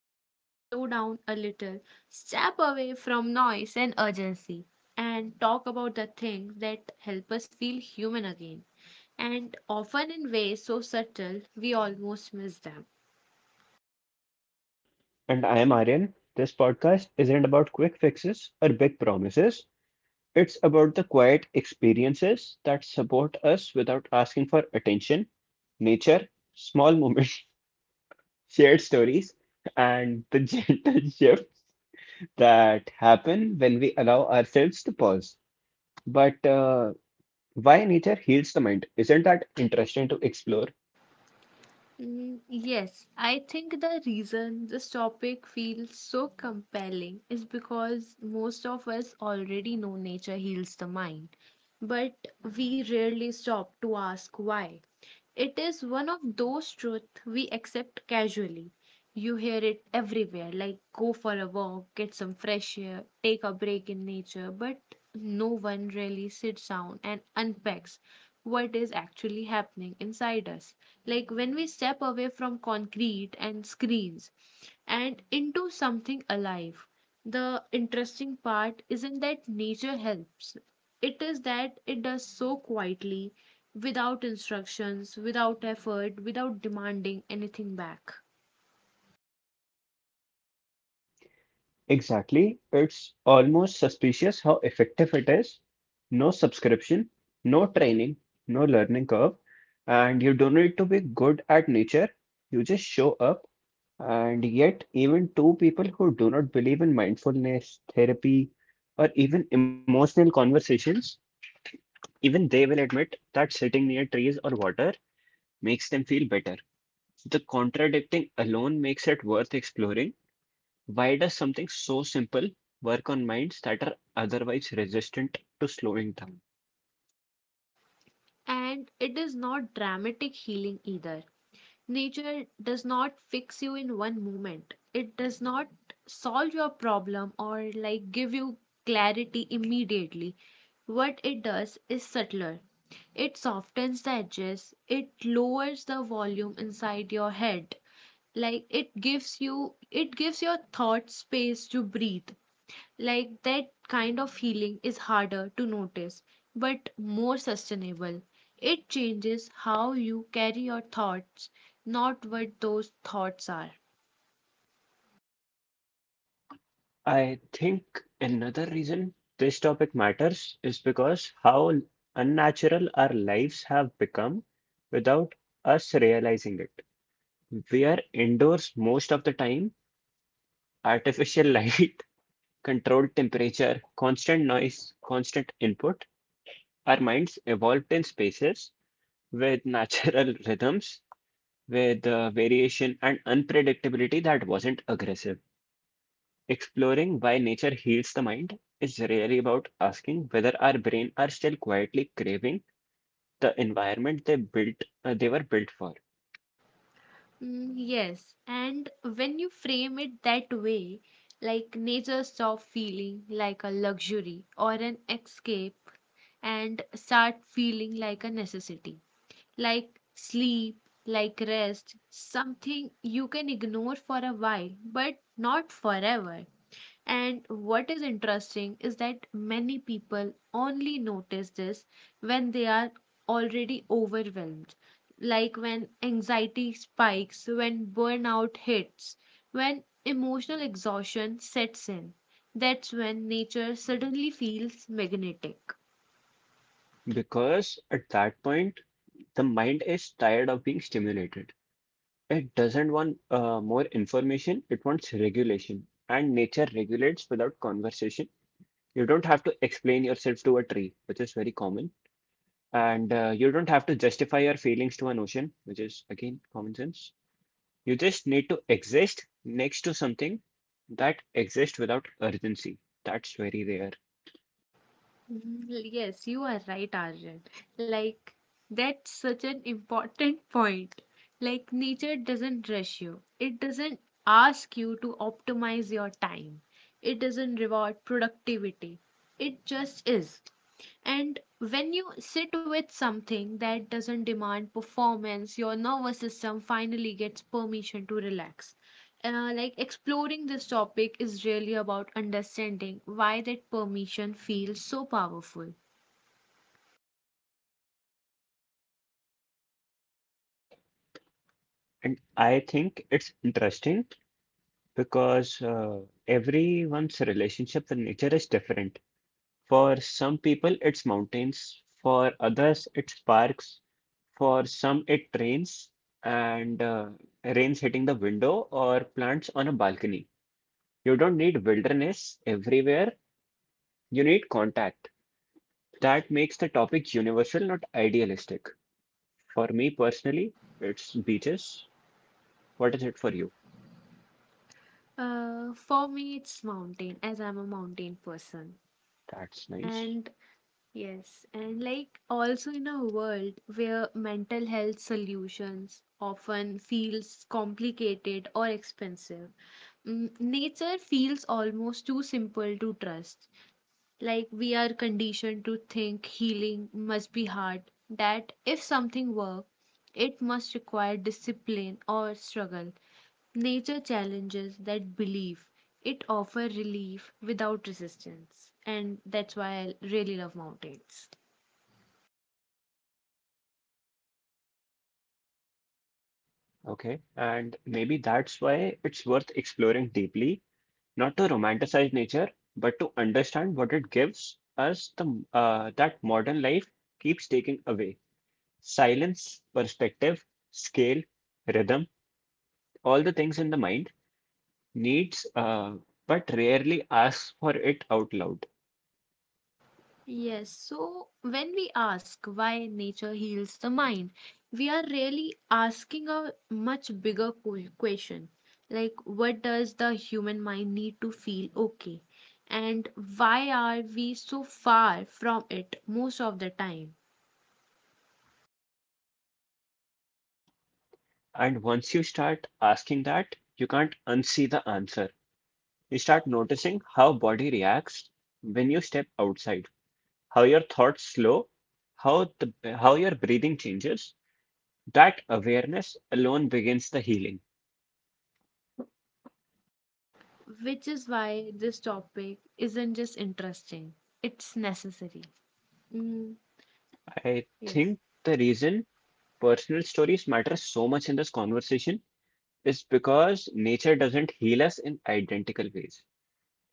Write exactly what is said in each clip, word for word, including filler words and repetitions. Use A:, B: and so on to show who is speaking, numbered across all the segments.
A: where we slow down a little, step away from noise and urgency, and talk about the things that help us feel human again, and often in ways so subtle we almost miss them.
B: And I am Aryan. This podcast isn't about quick fixes or big promises. It's about the quiet experiences that support us without asking for attention, nature, small moments, shared stories, and the gentle shifts that happen when we allow ourselves to pause. But uh, why nature heals the mind? Isn't that interesting to explore?
A: Mm, yes, I think the reason this topic feels so compelling is because most of us already know nature heals the mind, but we rarely stop to ask why. It is one of those truths we accept casually. You hear it everywhere like go for a walk, get some fresh air, take a break in nature, but no one really sits down and unpacks what is actually happening inside us. Like when we step away from concrete and screens and into something alive. The interesting part isn't that nature helps. It is that it does so quietly, without instructions, without effort, without demanding anything back.
B: Exactly. It's almost suspicious how effective it is. No subscription, no training, no learning curve, and you don't need to be good at nature. You just show up, and yet, even two people who do not believe in mindfulness, therapy, or even emotional conversations, even they will admit that sitting near trees or water makes them feel better. The contradicting alone makes it worth exploring, why does something so simple work on minds that are otherwise resistant to slowing down?
A: And it is not dramatic healing either. Nature does not fix you in one moment. It does not solve your problem or like give you clarity immediately. What it does is subtler. It softens the edges, it lowers the volume inside your head, like it gives you it gives your thought space to breathe. Like that kind of healing is harder to notice but more sustainable. It changes how you carry your thoughts, not what those thoughts are.
B: I think another reason this topic matters is because how unnatural our lives have become without us realizing it. We are indoors most of the time, artificial light, controlled temperature, constant noise, constant input. Our minds evolved in spaces with natural rhythms with uh, variation and unpredictability that wasn't aggressive. Exploring why nature heals the mind is really about asking whether our brain are still quietly craving the environment they built uh, they were built for.
A: Mm, yes, and when you frame it that way, like nature stops feeling like a luxury or an escape and start feeling like a necessity, like sleep, like rest, something you can ignore for a while, but not forever. And what is interesting is that many people only notice this when they are already overwhelmed, like when anxiety spikes, when burnout hits, when emotional exhaustion sets in. That's when nature suddenly feels magnetic.
B: Because at that point, the mind is tired of being stimulated. It doesn't want uh, more information, it wants regulation. And nature regulates without conversation. You don't have to explain yourself to a tree, which is very common. And uh, You don't have to justify your feelings to an ocean, which is again common sense. You just need to exist next to something that exists without urgency. That's very rare.
A: Mm, Yes, you are right, Arjun. Like, that's such an important point. Like, nature doesn't rush you, it doesn't ask you to optimize your time, it doesn't reward productivity. It just is. And when you sit with something that doesn't demand performance, your nervous system finally gets permission to relax. Uh, like exploring this topic is really about understanding why that permission feels so powerful.
B: And I think it's interesting because uh, everyone's relationship with nature is different. For some people, it's mountains. For others, it's parks. For some, it rains and uh, rains hitting the window or plants on a balcony. You don't need wilderness everywhere, you need contact. That makes the topic universal, not idealistic. For me personally, it's beaches. What is it for you?
A: Uh, for me, it's mountain, as I'm a mountain person.
B: That's nice.
A: And yes, and like also in a world where mental health solutions often feels complicated or expensive, mm, nature feels almost too simple to trust. Like we are conditioned to think healing must be hard, that if something works, it must require discipline or struggle. Nature challenges that belief. It offers relief without resistance. And that's why I really love mountains.
B: Okay. And maybe that's why it's worth exploring deeply, not to romanticize nature, but to understand what it gives us the uh, that modern life keeps taking away. Silence, perspective, scale, rhythm, all the things in the mind needs, uh, but rarely asks for it out loud.
A: Yes, so when we ask why nature heals the mind, we are really asking a much bigger que- question, like, what does the human mind need to feel okay? And why are we so far from it most of the time?
B: And once you start asking that, you can't unsee the answer. You start noticing how body reacts when you step outside, how your thoughts slow, how the how your breathing changes. That awareness alone begins the healing.
A: Which is why this topic isn't just interesting, it's necessary. Mm,
B: I
A: yes.
B: think the reason personal stories matter so much in this conversation is because nature doesn't heal us in identical ways.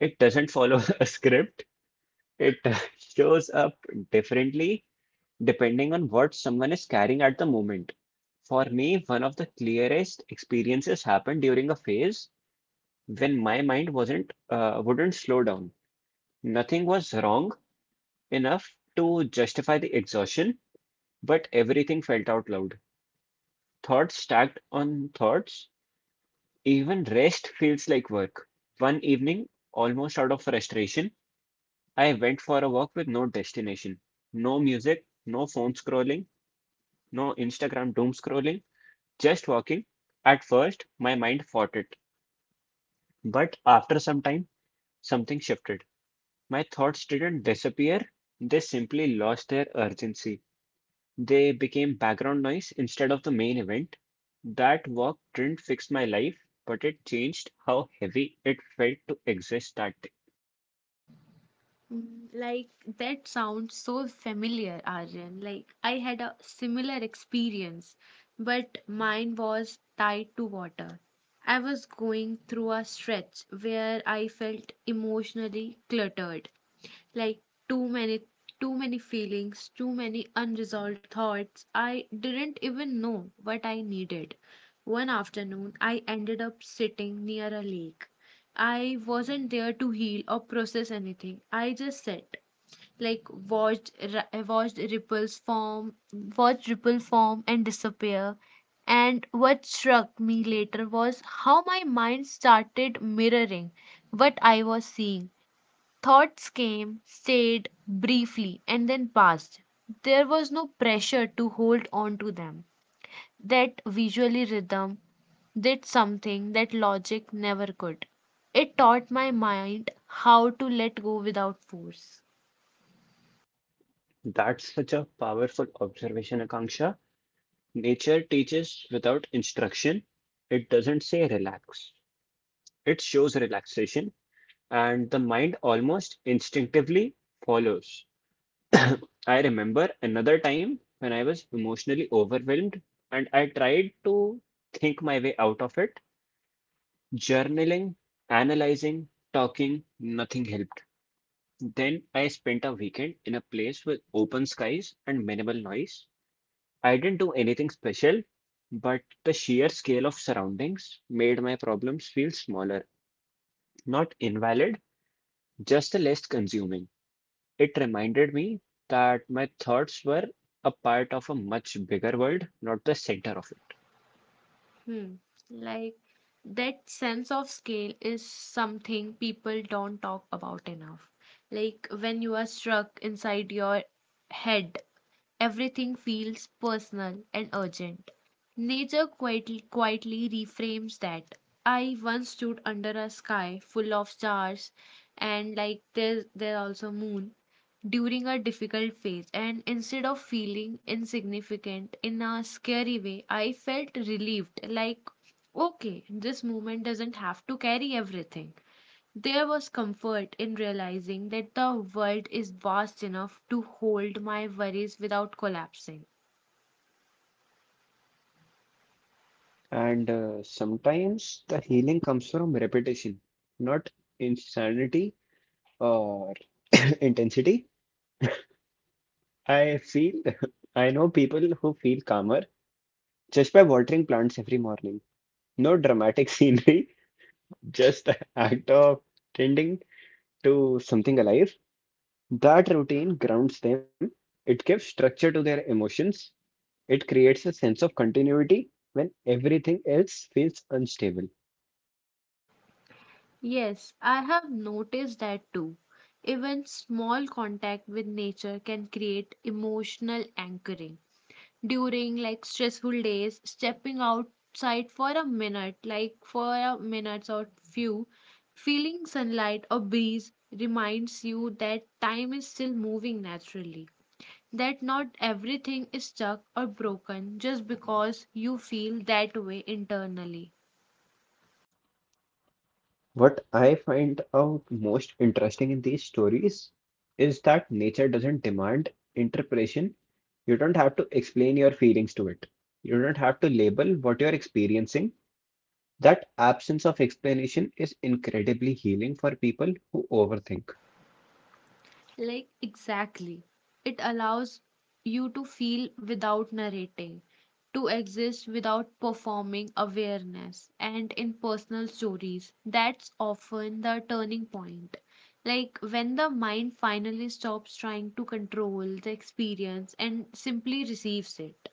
B: It doesn't follow a script. It shows up differently depending on what someone is carrying at the moment. For me, one of the clearest experiences happened during a phase when my mind wasn't uh, wouldn't slow down. Nothing was wrong enough to justify the exhaustion, but everything felt out loud. Thoughts stacked on thoughts, even rest feels like work. One evening, almost out of frustration, I went for a walk with no destination, no music, no phone scrolling, no Instagram doom scrolling, just walking. At first, my mind fought it, but after some time, something shifted. My thoughts didn't disappear, they simply lost their urgency. They became background noise instead of the main event. That walk didn't fix my life, but it changed how heavy it felt to exist that day.
A: Mm, like that sounds so familiar, Aryan. Like I had a similar experience, but mine was tied to water. I was going through a stretch where I felt emotionally cluttered, like too many too many feelings, too many unresolved thoughts. I didn't even know what I needed. One afternoon, I ended up sitting near a lake. I wasn't there to heal or process anything. I just sat, like watched ri- watched ripples form, watched ripple form and disappear And what struck me later was how my mind started mirroring what I was seeing. Thoughts came, stayed briefly, and then passed. There was no pressure to hold on to them. That visually rhythm did something that logic never could. It taught my mind how to let go without force.
B: That's such a powerful observation, Akanksha. Nature teaches without instruction. It doesn't say relax. It shows relaxation and the mind almost instinctively follows. I remember another time when I was emotionally overwhelmed and I tried to think my way out of it. Journaling, analyzing, talking, nothing helped. Then I spent a weekend in a place with open skies and minimal noise. I didn't do anything special, but the sheer scale of surroundings made my problems feel smaller, not invalid, just less consuming. It reminded me that my thoughts were a part of a much bigger world, not the center of it.
A: Hmm. Like that sense of scale is something people don't talk about enough. Like when you are struck inside your head, everything feels personal and urgent. Nature quietly, quietly reframes that. I once stood under a sky full of stars, and like there there also moon during a difficult phase, and instead of feeling insignificant in a scary way, I felt relieved, like okay, this moment doesn't have to carry everything. There was comfort in realizing that the world is vast enough to hold my worries without collapsing.
B: And uh, Sometimes the healing comes from repetition, not insanity or intensity. I feel, I know people who feel calmer just by watering plants every morning. No dramatic scenery, just the act of tending to something alive. That routine grounds them. It gives structure to their emotions. It creates a sense of continuity when everything else feels unstable.
A: Yes, I have noticed that too. Even small contact with nature can create emotional anchoring during like stressful days. Stepping outside for a minute, like for a minute or few feeling sunlight or breeze, reminds you that time is still moving naturally, that not everything is stuck or broken just because you feel that way internally.
B: What I find out most interesting in these stories is that nature doesn't demand interpretation. You don't have to explain your feelings to it. You don't have to label what you're experiencing. That absence of explanation is incredibly healing for people who overthink.
A: Like, exactly. It allows you to feel without narrating, to exist without performing awareness, and in personal stories. That's often the turning point. Like, when the mind finally stops trying to control the experience and simply receives it.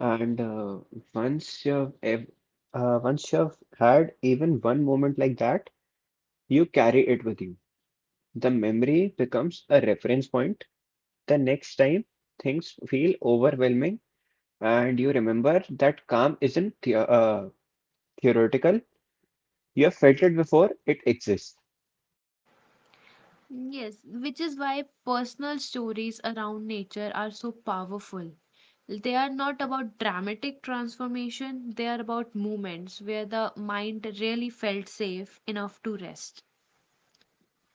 B: And uh, once you've ev- uh, once you've had even one moment like that, you carry it with you. The memory becomes a reference point the next time things feel overwhelming, and you remember that calm isn't the uh, theoretical. You have felt it before, it exists.
A: Yes, which is why personal stories around nature are so powerful. They are not about dramatic transformation, they are about moments where the mind really felt safe enough to rest.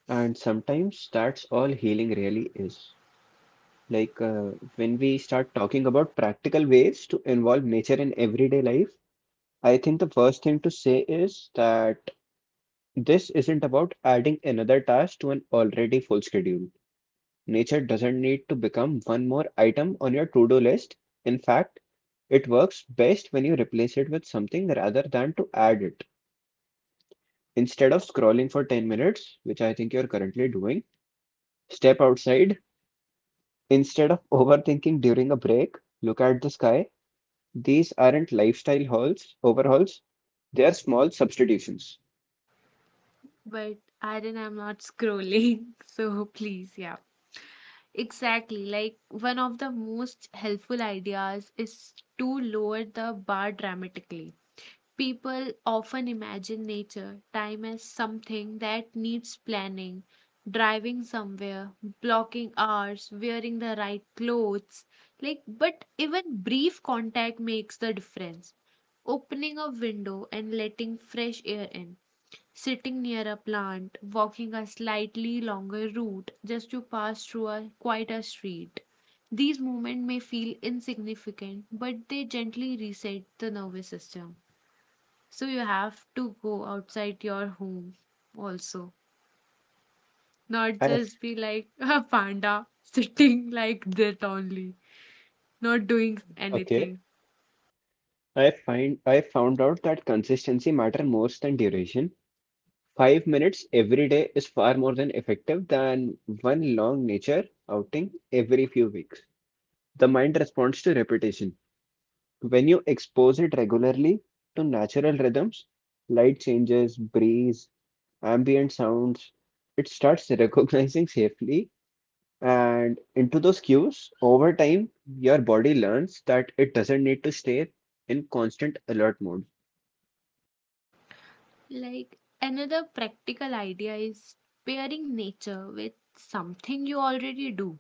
B: And sometimes that's all healing really is. Like uh, when we start talking about practical ways to involve nature in everyday life, I think the first thing to say is that this isn't about adding another task to an already full schedule. Nature doesn't need to become one more item on your to-do list. In fact, it works best when you replace it with something rather than to add it. Instead of scrolling for ten minutes, which I think you're currently doing, step outside. Instead of overthinking during a break, look at the sky. These aren't lifestyle hauls, overhauls, they are small substitutions.
A: But Aaron, I'm not scrolling, so please, yeah. Exactly. Like one of the most helpful ideas is to lower the bar dramatically. People often imagine nature time as something that needs planning, driving somewhere, blocking hours, wearing the right clothes. Like, but even brief contact makes the difference. Opening a window and letting fresh air in, sitting near a plant, walking a slightly longer route just to pass through a quieter street. These movements may feel insignificant, but they gently reset the nervous system. So you have to go outside your home also, not
B: I have,
A: just be like a panda sitting like that only, not doing
B: okay.
A: anything.
B: I find I found out that consistency matter more than duration. Five minutes every day is far more than effective than one long nature outing every few weeks. The mind responds to repetition. When you expose it regularly to natural rhythms, light changes, breeze, ambient sounds, it starts recognizing safely. And into those cues, over time, your body learns that it doesn't need to stay in constant alert mode.
A: Like another practical idea is pairing nature with something you already do.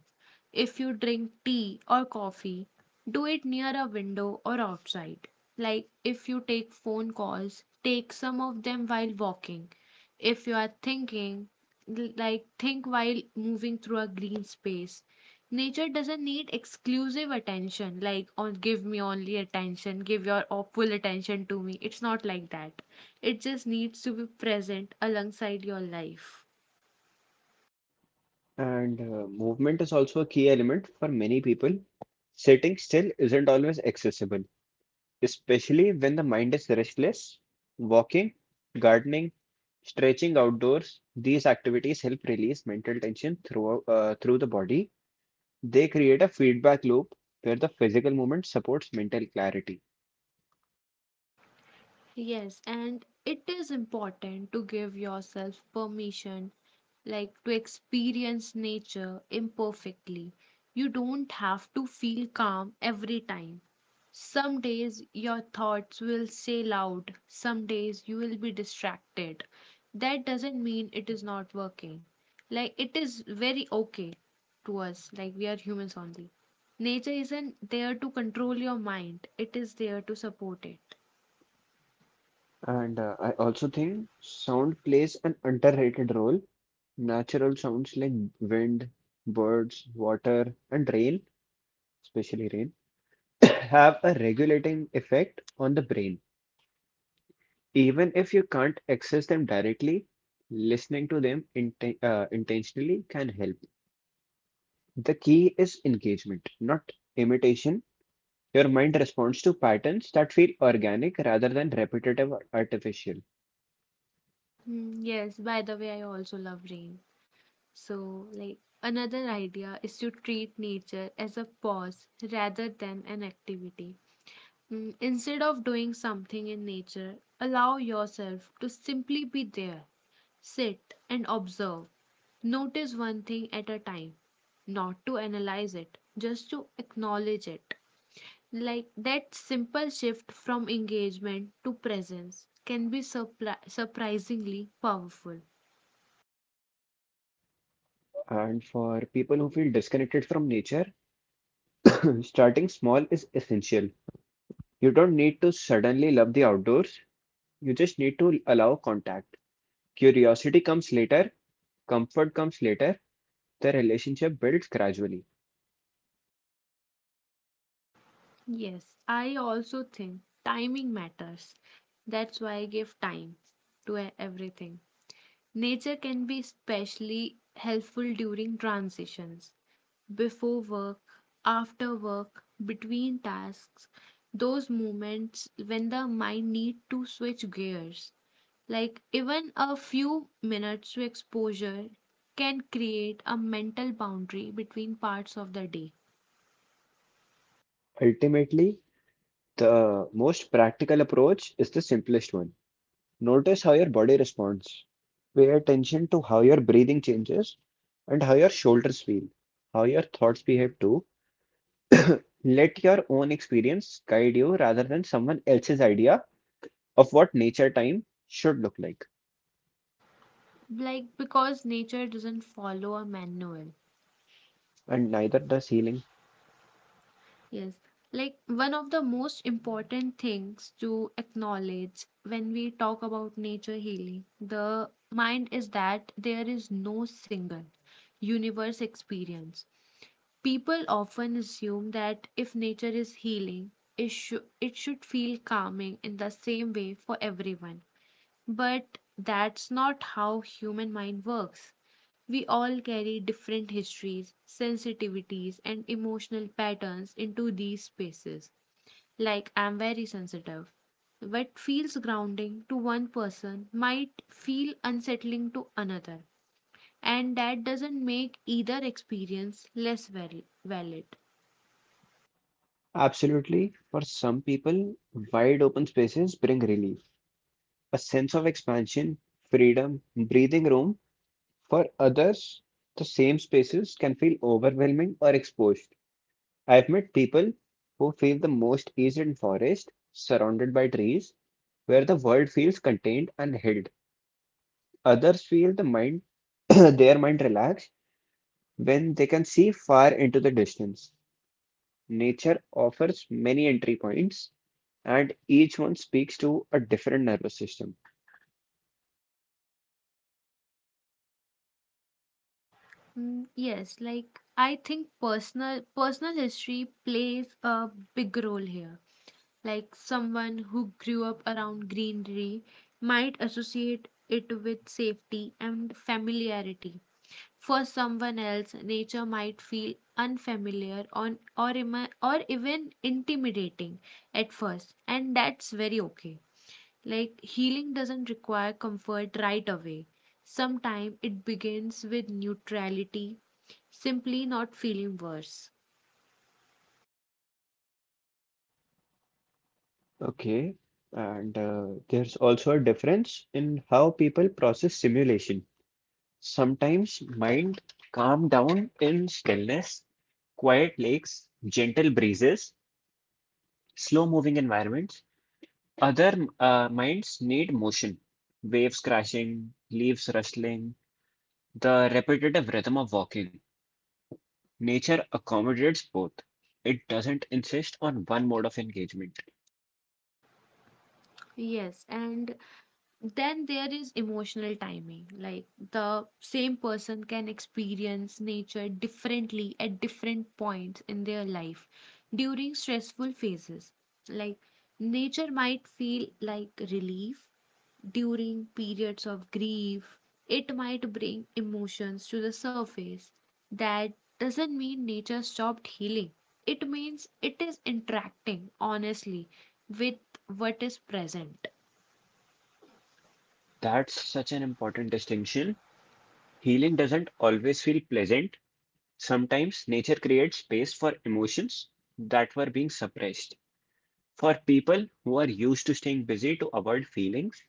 A: If you drink tea or coffee, do it near a window or outside. Like if you take phone calls, take some of them while walking. If you are thinking, l- like think while moving through a green space. Nature doesn't need exclusive attention, like on give me only attention, give your o- full attention to me. It's not like that. It just needs to be present alongside your life.
B: And uh, Movement is also a key element for many people. Sitting still isn't always accessible, especially when the mind is restless. Walking, gardening, stretching outdoors, these activities help release mental tension through, uh, through the body. They create a feedback loop where the physical movement supports mental clarity.
A: Yes, and it is important to give yourself permission, like to experience nature imperfectly. You don't have to feel calm every time. Some days your thoughts will say loud, some days you will be distracted. That doesn't mean it is not working. Like, it is very okay to us, like, we are humans only. Nature isn't there to control your mind, it is there to support it.
B: And uh, I also think sound plays an underrated role. Natural sounds like wind, birds, water, and rain, especially rain, have a regulating effect on the brain. Even if you can't access them directly, listening to them inten uh, intentionally can help. The key is engagement, not imitation. Your mind responds to patterns that feel organic rather than repetitive or artificial.
A: Mm, yes, by the way, I also love rain. So, like, another idea is to treat nature as a pause rather than an activity. Mm, instead of doing something in nature, allow yourself to simply be there. Sit and observe. Notice one thing at a time, not to analyze it, just to acknowledge it. Like that simple shift from engagement to presence can be surpri- surprisingly powerful.
B: And for people who feel disconnected from nature, starting small is essential. You don't need to suddenly love the outdoors, you just need to allow contact. Curiosity comes later, comfort comes later. The relationship builds gradually.
A: Yes, I also think timing matters. That's why I give time to e- everything. Nature can be especially helpful during transitions, before work, after work, between tasks, those moments when the mind need to switch gears. Like even a few minutes to exposure can create a mental boundary between parts of the day.
B: Ultimately, the most practical approach is the simplest one. Notice how your body responds. Pay attention to how your breathing changes and how your shoulders feel, how your thoughts behave too. Let your own experience guide you rather than someone else's idea of what nature time should look like.
A: Like because nature doesn't follow a manual.
B: And neither does healing.
A: Yes, like one of the most important things to acknowledge when we talk about nature healing the mind is that there is no single universe experience. People often assume that if nature is healing, it, shou- it should feel calming in the same way for everyone. But that's not how human mind works. We all carry different histories, sensitivities and emotional patterns into these spaces. Like I'm very sensitive. What feels grounding to one person might feel unsettling to another, and that doesn't make either experience less val- valid.
B: Absolutely, for some people, wide open spaces bring relief, a sense of expansion, freedom, breathing room. For others, the same spaces can feel overwhelming or exposed. I've met people who feel the most is in forest, surrounded by trees, where the world feels contained and held. Others feel the mind, their mind relaxed when they can see far into the distance. Nature offers many entry points, and each one speaks to a different nervous system.
A: Mm, yes, like I think personal personal history plays a big role here. Like someone who grew up around greenery might associate it with safety and familiarity. For someone else, nature might feel unfamiliar on or ima- or even intimidating at first, and that's very okay. Like healing doesn't require comfort right away. Sometimes it begins with neutrality, simply not feeling worse.
B: Okay, and uh, There's also a difference in how people process stimulation. Sometimes mind calm down in stillness, quiet lakes, gentle breezes, slow moving environments. Other uh, minds need motion, waves crashing, leaves rustling, the repetitive rhythm of walking. Nature accommodates both. It doesn't insist on one mode of engagement.
A: Yes, and then there is emotional timing, like the same person can experience nature differently at different points in their life. During stressful phases, like nature might feel like relief. During periods of grief, it might bring emotions to the surface. That doesn't mean nature stopped healing. It means it is interacting honestly with what is present.
B: That's such an important distinction. Healing doesn't always feel pleasant. Sometimes nature creates space for emotions that were being suppressed. For people who are used to staying busy to avoid feelings,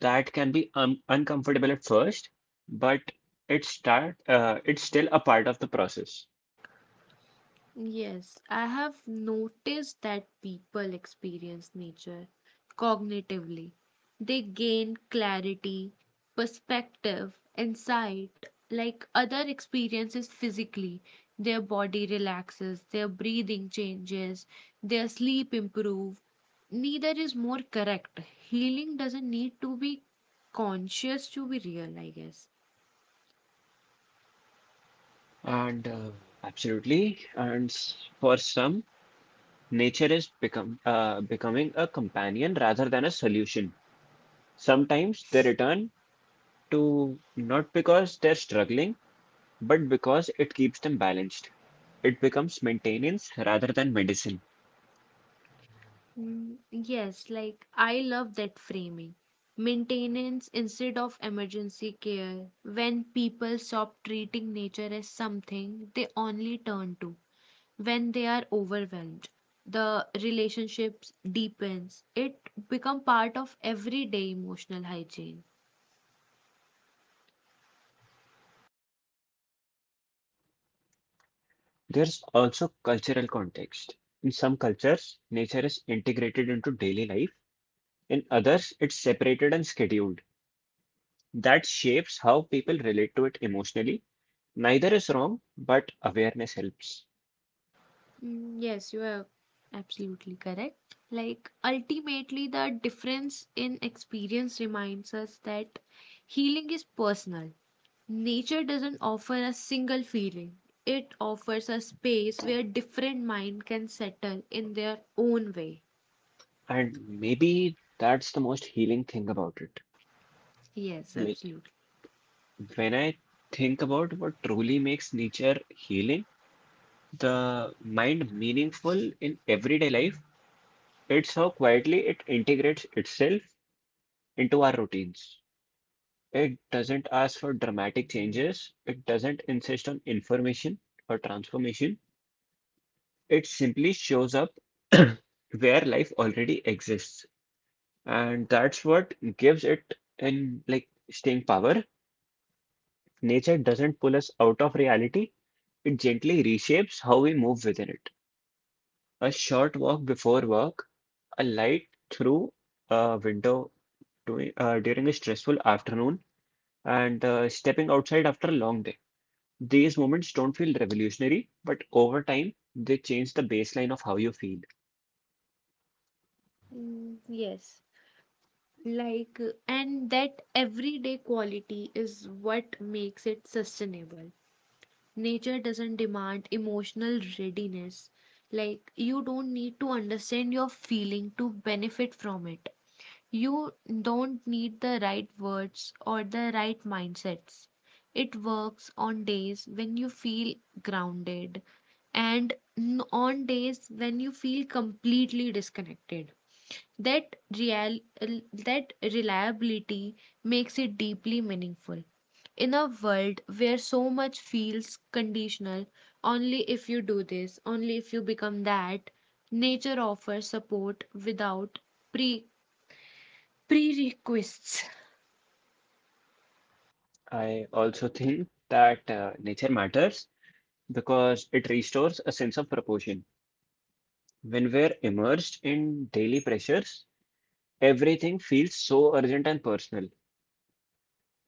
B: that can be um, uncomfortable at first, but it's start uh, it's still a part of the process.
A: Yes, I have noticed that people experience nature cognitively. They gain clarity, perspective, insight, like other experiences physically. Their body relaxes, their breathing changes, their sleep improve. Neither is more correct. Healing doesn't need to be conscious to be real, I guess.
B: And uh, absolutely, and s- For some, nature is become uh, becoming a companion rather than a solution. Sometimes they return to, not because they're struggling, but because it keeps them balanced. It becomes maintenance rather than medicine.
A: Mm, Yes, like I love that framing. Maintenance instead of emergency care. When people stop treating nature as something they only turn to when they are overwhelmed, the relationships deepens. It become part of everyday emotional hygiene.
B: There's also cultural context. In some cultures, nature is integrated into daily life. In others, it's separated and scheduled. That shapes how people relate to it emotionally. Neither is wrong, but awareness helps.
A: Mm, Yes, you are absolutely correct. Like, ultimately, the difference in experience reminds us that healing is personal. Nature doesn't offer a single feeling, it offers a space where different mind can settle in their own way.
B: And maybe that's the most healing thing about it.
A: Yes,
B: Like
A: absolutely.
B: when I think about what truly makes nature healing, the mind meaningful in everyday life, it's how quietly it integrates itself into our routines. It doesn't ask for dramatic changes. It doesn't insist on information or transformation. It simply shows up where life already exists. And that's what gives it an like staying power. Nature doesn't pull us out of reality. It gently reshapes how we move within it. A short walk before work, a light through a window during, uh, during a stressful afternoon, and uh, stepping outside after a long day. These moments don't feel revolutionary, but over time, they change the baseline of how you feel.
A: Mm, yes. Like, and that everyday quality is what makes it sustainable. Nature doesn't demand emotional readiness, like you don't need to understand your feeling to benefit from it. You don't need the right words or the right mindsets. It works on days when you feel grounded, and n- on days when you feel completely disconnected. That real that reliability makes it deeply meaningful in a world where so much feels conditional, only if you do this, only if you become that. Nature offers support without pre prerequisites.
B: I also think that uh, nature matters because it restores a sense of proportion. When we're immersed in daily pressures, everything feels so urgent and personal.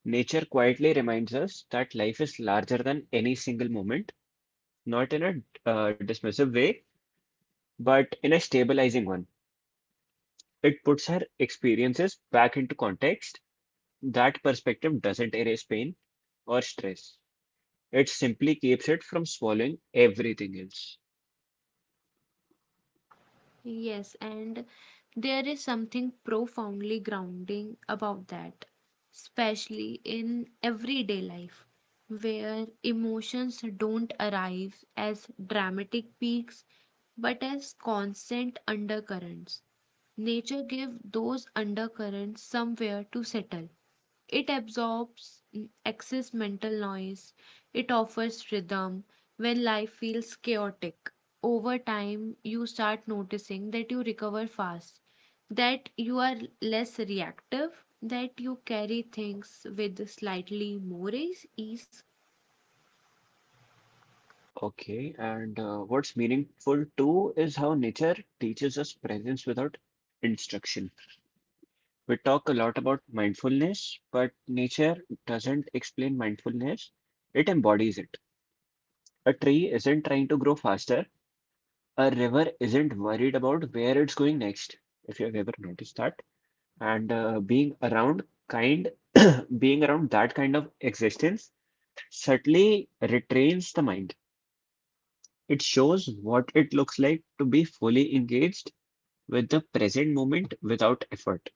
B: Nature quietly reminds us that life is larger than any single moment, not in a uh, dismissive way, but in a stabilizing one. It puts our experiences back into context. That perspective doesn't erase pain or stress. It simply keeps it from swallowing everything else.
A: Yes, and there is something profoundly grounding about that, especially in everyday life, where emotions don't arrive as dramatic peaks but as constant undercurrents. Nature gives those undercurrents somewhere to settle. It absorbs mm, excess mental noise. It offers rhythm when life feels chaotic. Over time, you start noticing that you recover fast, that you are less reactive, that you carry things with slightly more ease. ease.
B: Okay, and uh, What's meaningful too is how nature teaches us presence without instruction. We talk a lot about mindfulness, but nature doesn't explain mindfulness, it embodies it. A tree isn't trying to grow faster, a river isn't worried about where it's going next, if you have ever noticed that. And uh, being around kind being around that kind of existence certainly retrains the mind. It shows what it looks like to be fully engaged with the present moment without effort.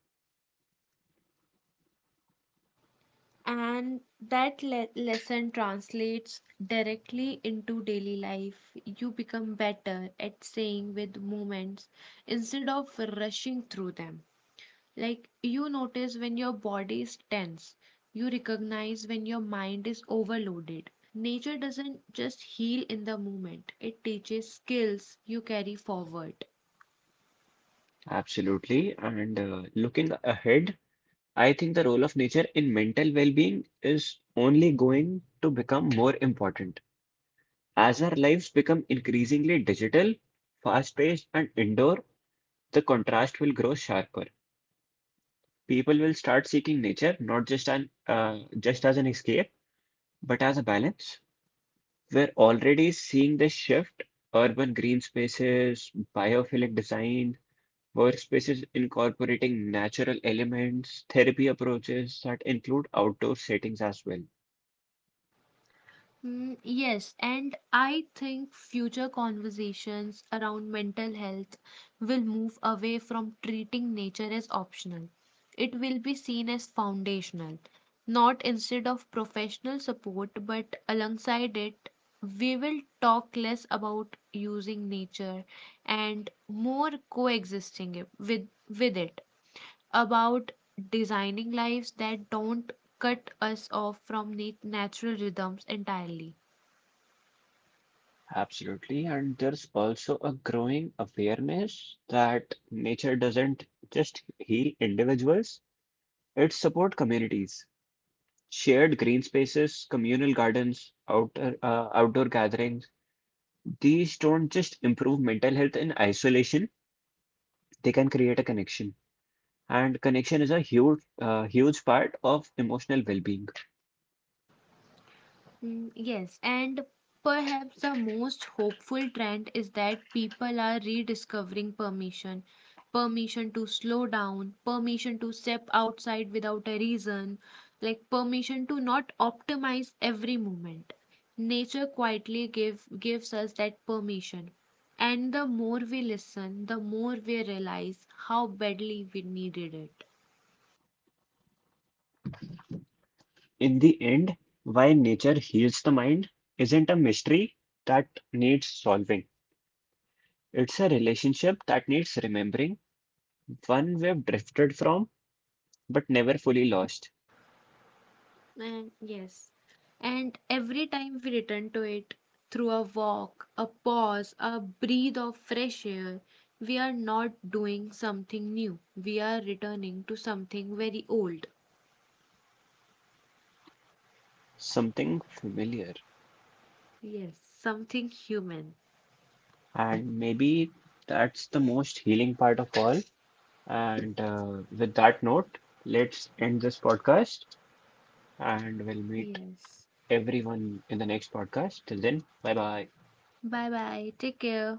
A: And that le- lesson translates directly into daily life. You become better at staying with moments instead of rushing through them. Like you notice when your body is tense, you recognize when your mind is overloaded. Nature doesn't just heal in the moment, it teaches skills you carry forward.
B: Absolutely. And uh, Looking ahead, I think the role of nature in mental well-being is only going to become more important. As our lives become increasingly digital, fast-paced, and indoor, the contrast will grow sharper. People will start seeking nature not just an uh, just as an escape, but as a balance. We're already seeing this shift. Urban green spaces, biophilic design, workspaces incorporating natural elements, therapy approaches that include outdoor settings as well.
A: Mm, yes, and I think future conversations around mental health will move away from treating nature as optional. It will be seen as foundational, not instead of professional support, but alongside it. We will talk less about using nature and more coexisting it- with, with it, about designing lives that don't cut us off from na- natural rhythms entirely.
B: Absolutely. And there's also a growing awareness that nature doesn't just heal individuals, it supports communities. Shared green spaces, communal gardens, outer, uh, outdoor gatherings. These don't just improve mental health in isolation, they can create a connection. And connection is a huge, uh, huge part of emotional well-being.
A: Mm, Yes, and perhaps the most hopeful trend is that people are rediscovering permission. Permission to slow down, permission to step outside without a reason, like permission to not optimize every moment. Nature quietly give, gives us that permission. And the more we listen, the more we realize how badly we needed it.
B: In the end, why nature heals the mind isn't a mystery that needs solving. It's a relationship that needs remembering, one we've drifted from but never fully lost.
A: And yes, and every time we return to it through a walk, a pause, a breathe of fresh air, we are not doing something new. We are returning to something very old.
B: Something familiar.
A: Yes, something human.
B: And maybe that's the most healing part of all. And uh, With that note, let's end this podcast, and we'll meet
A: Yes.
B: everyone in the next podcast. Till then, bye bye.
A: Bye bye. Take care.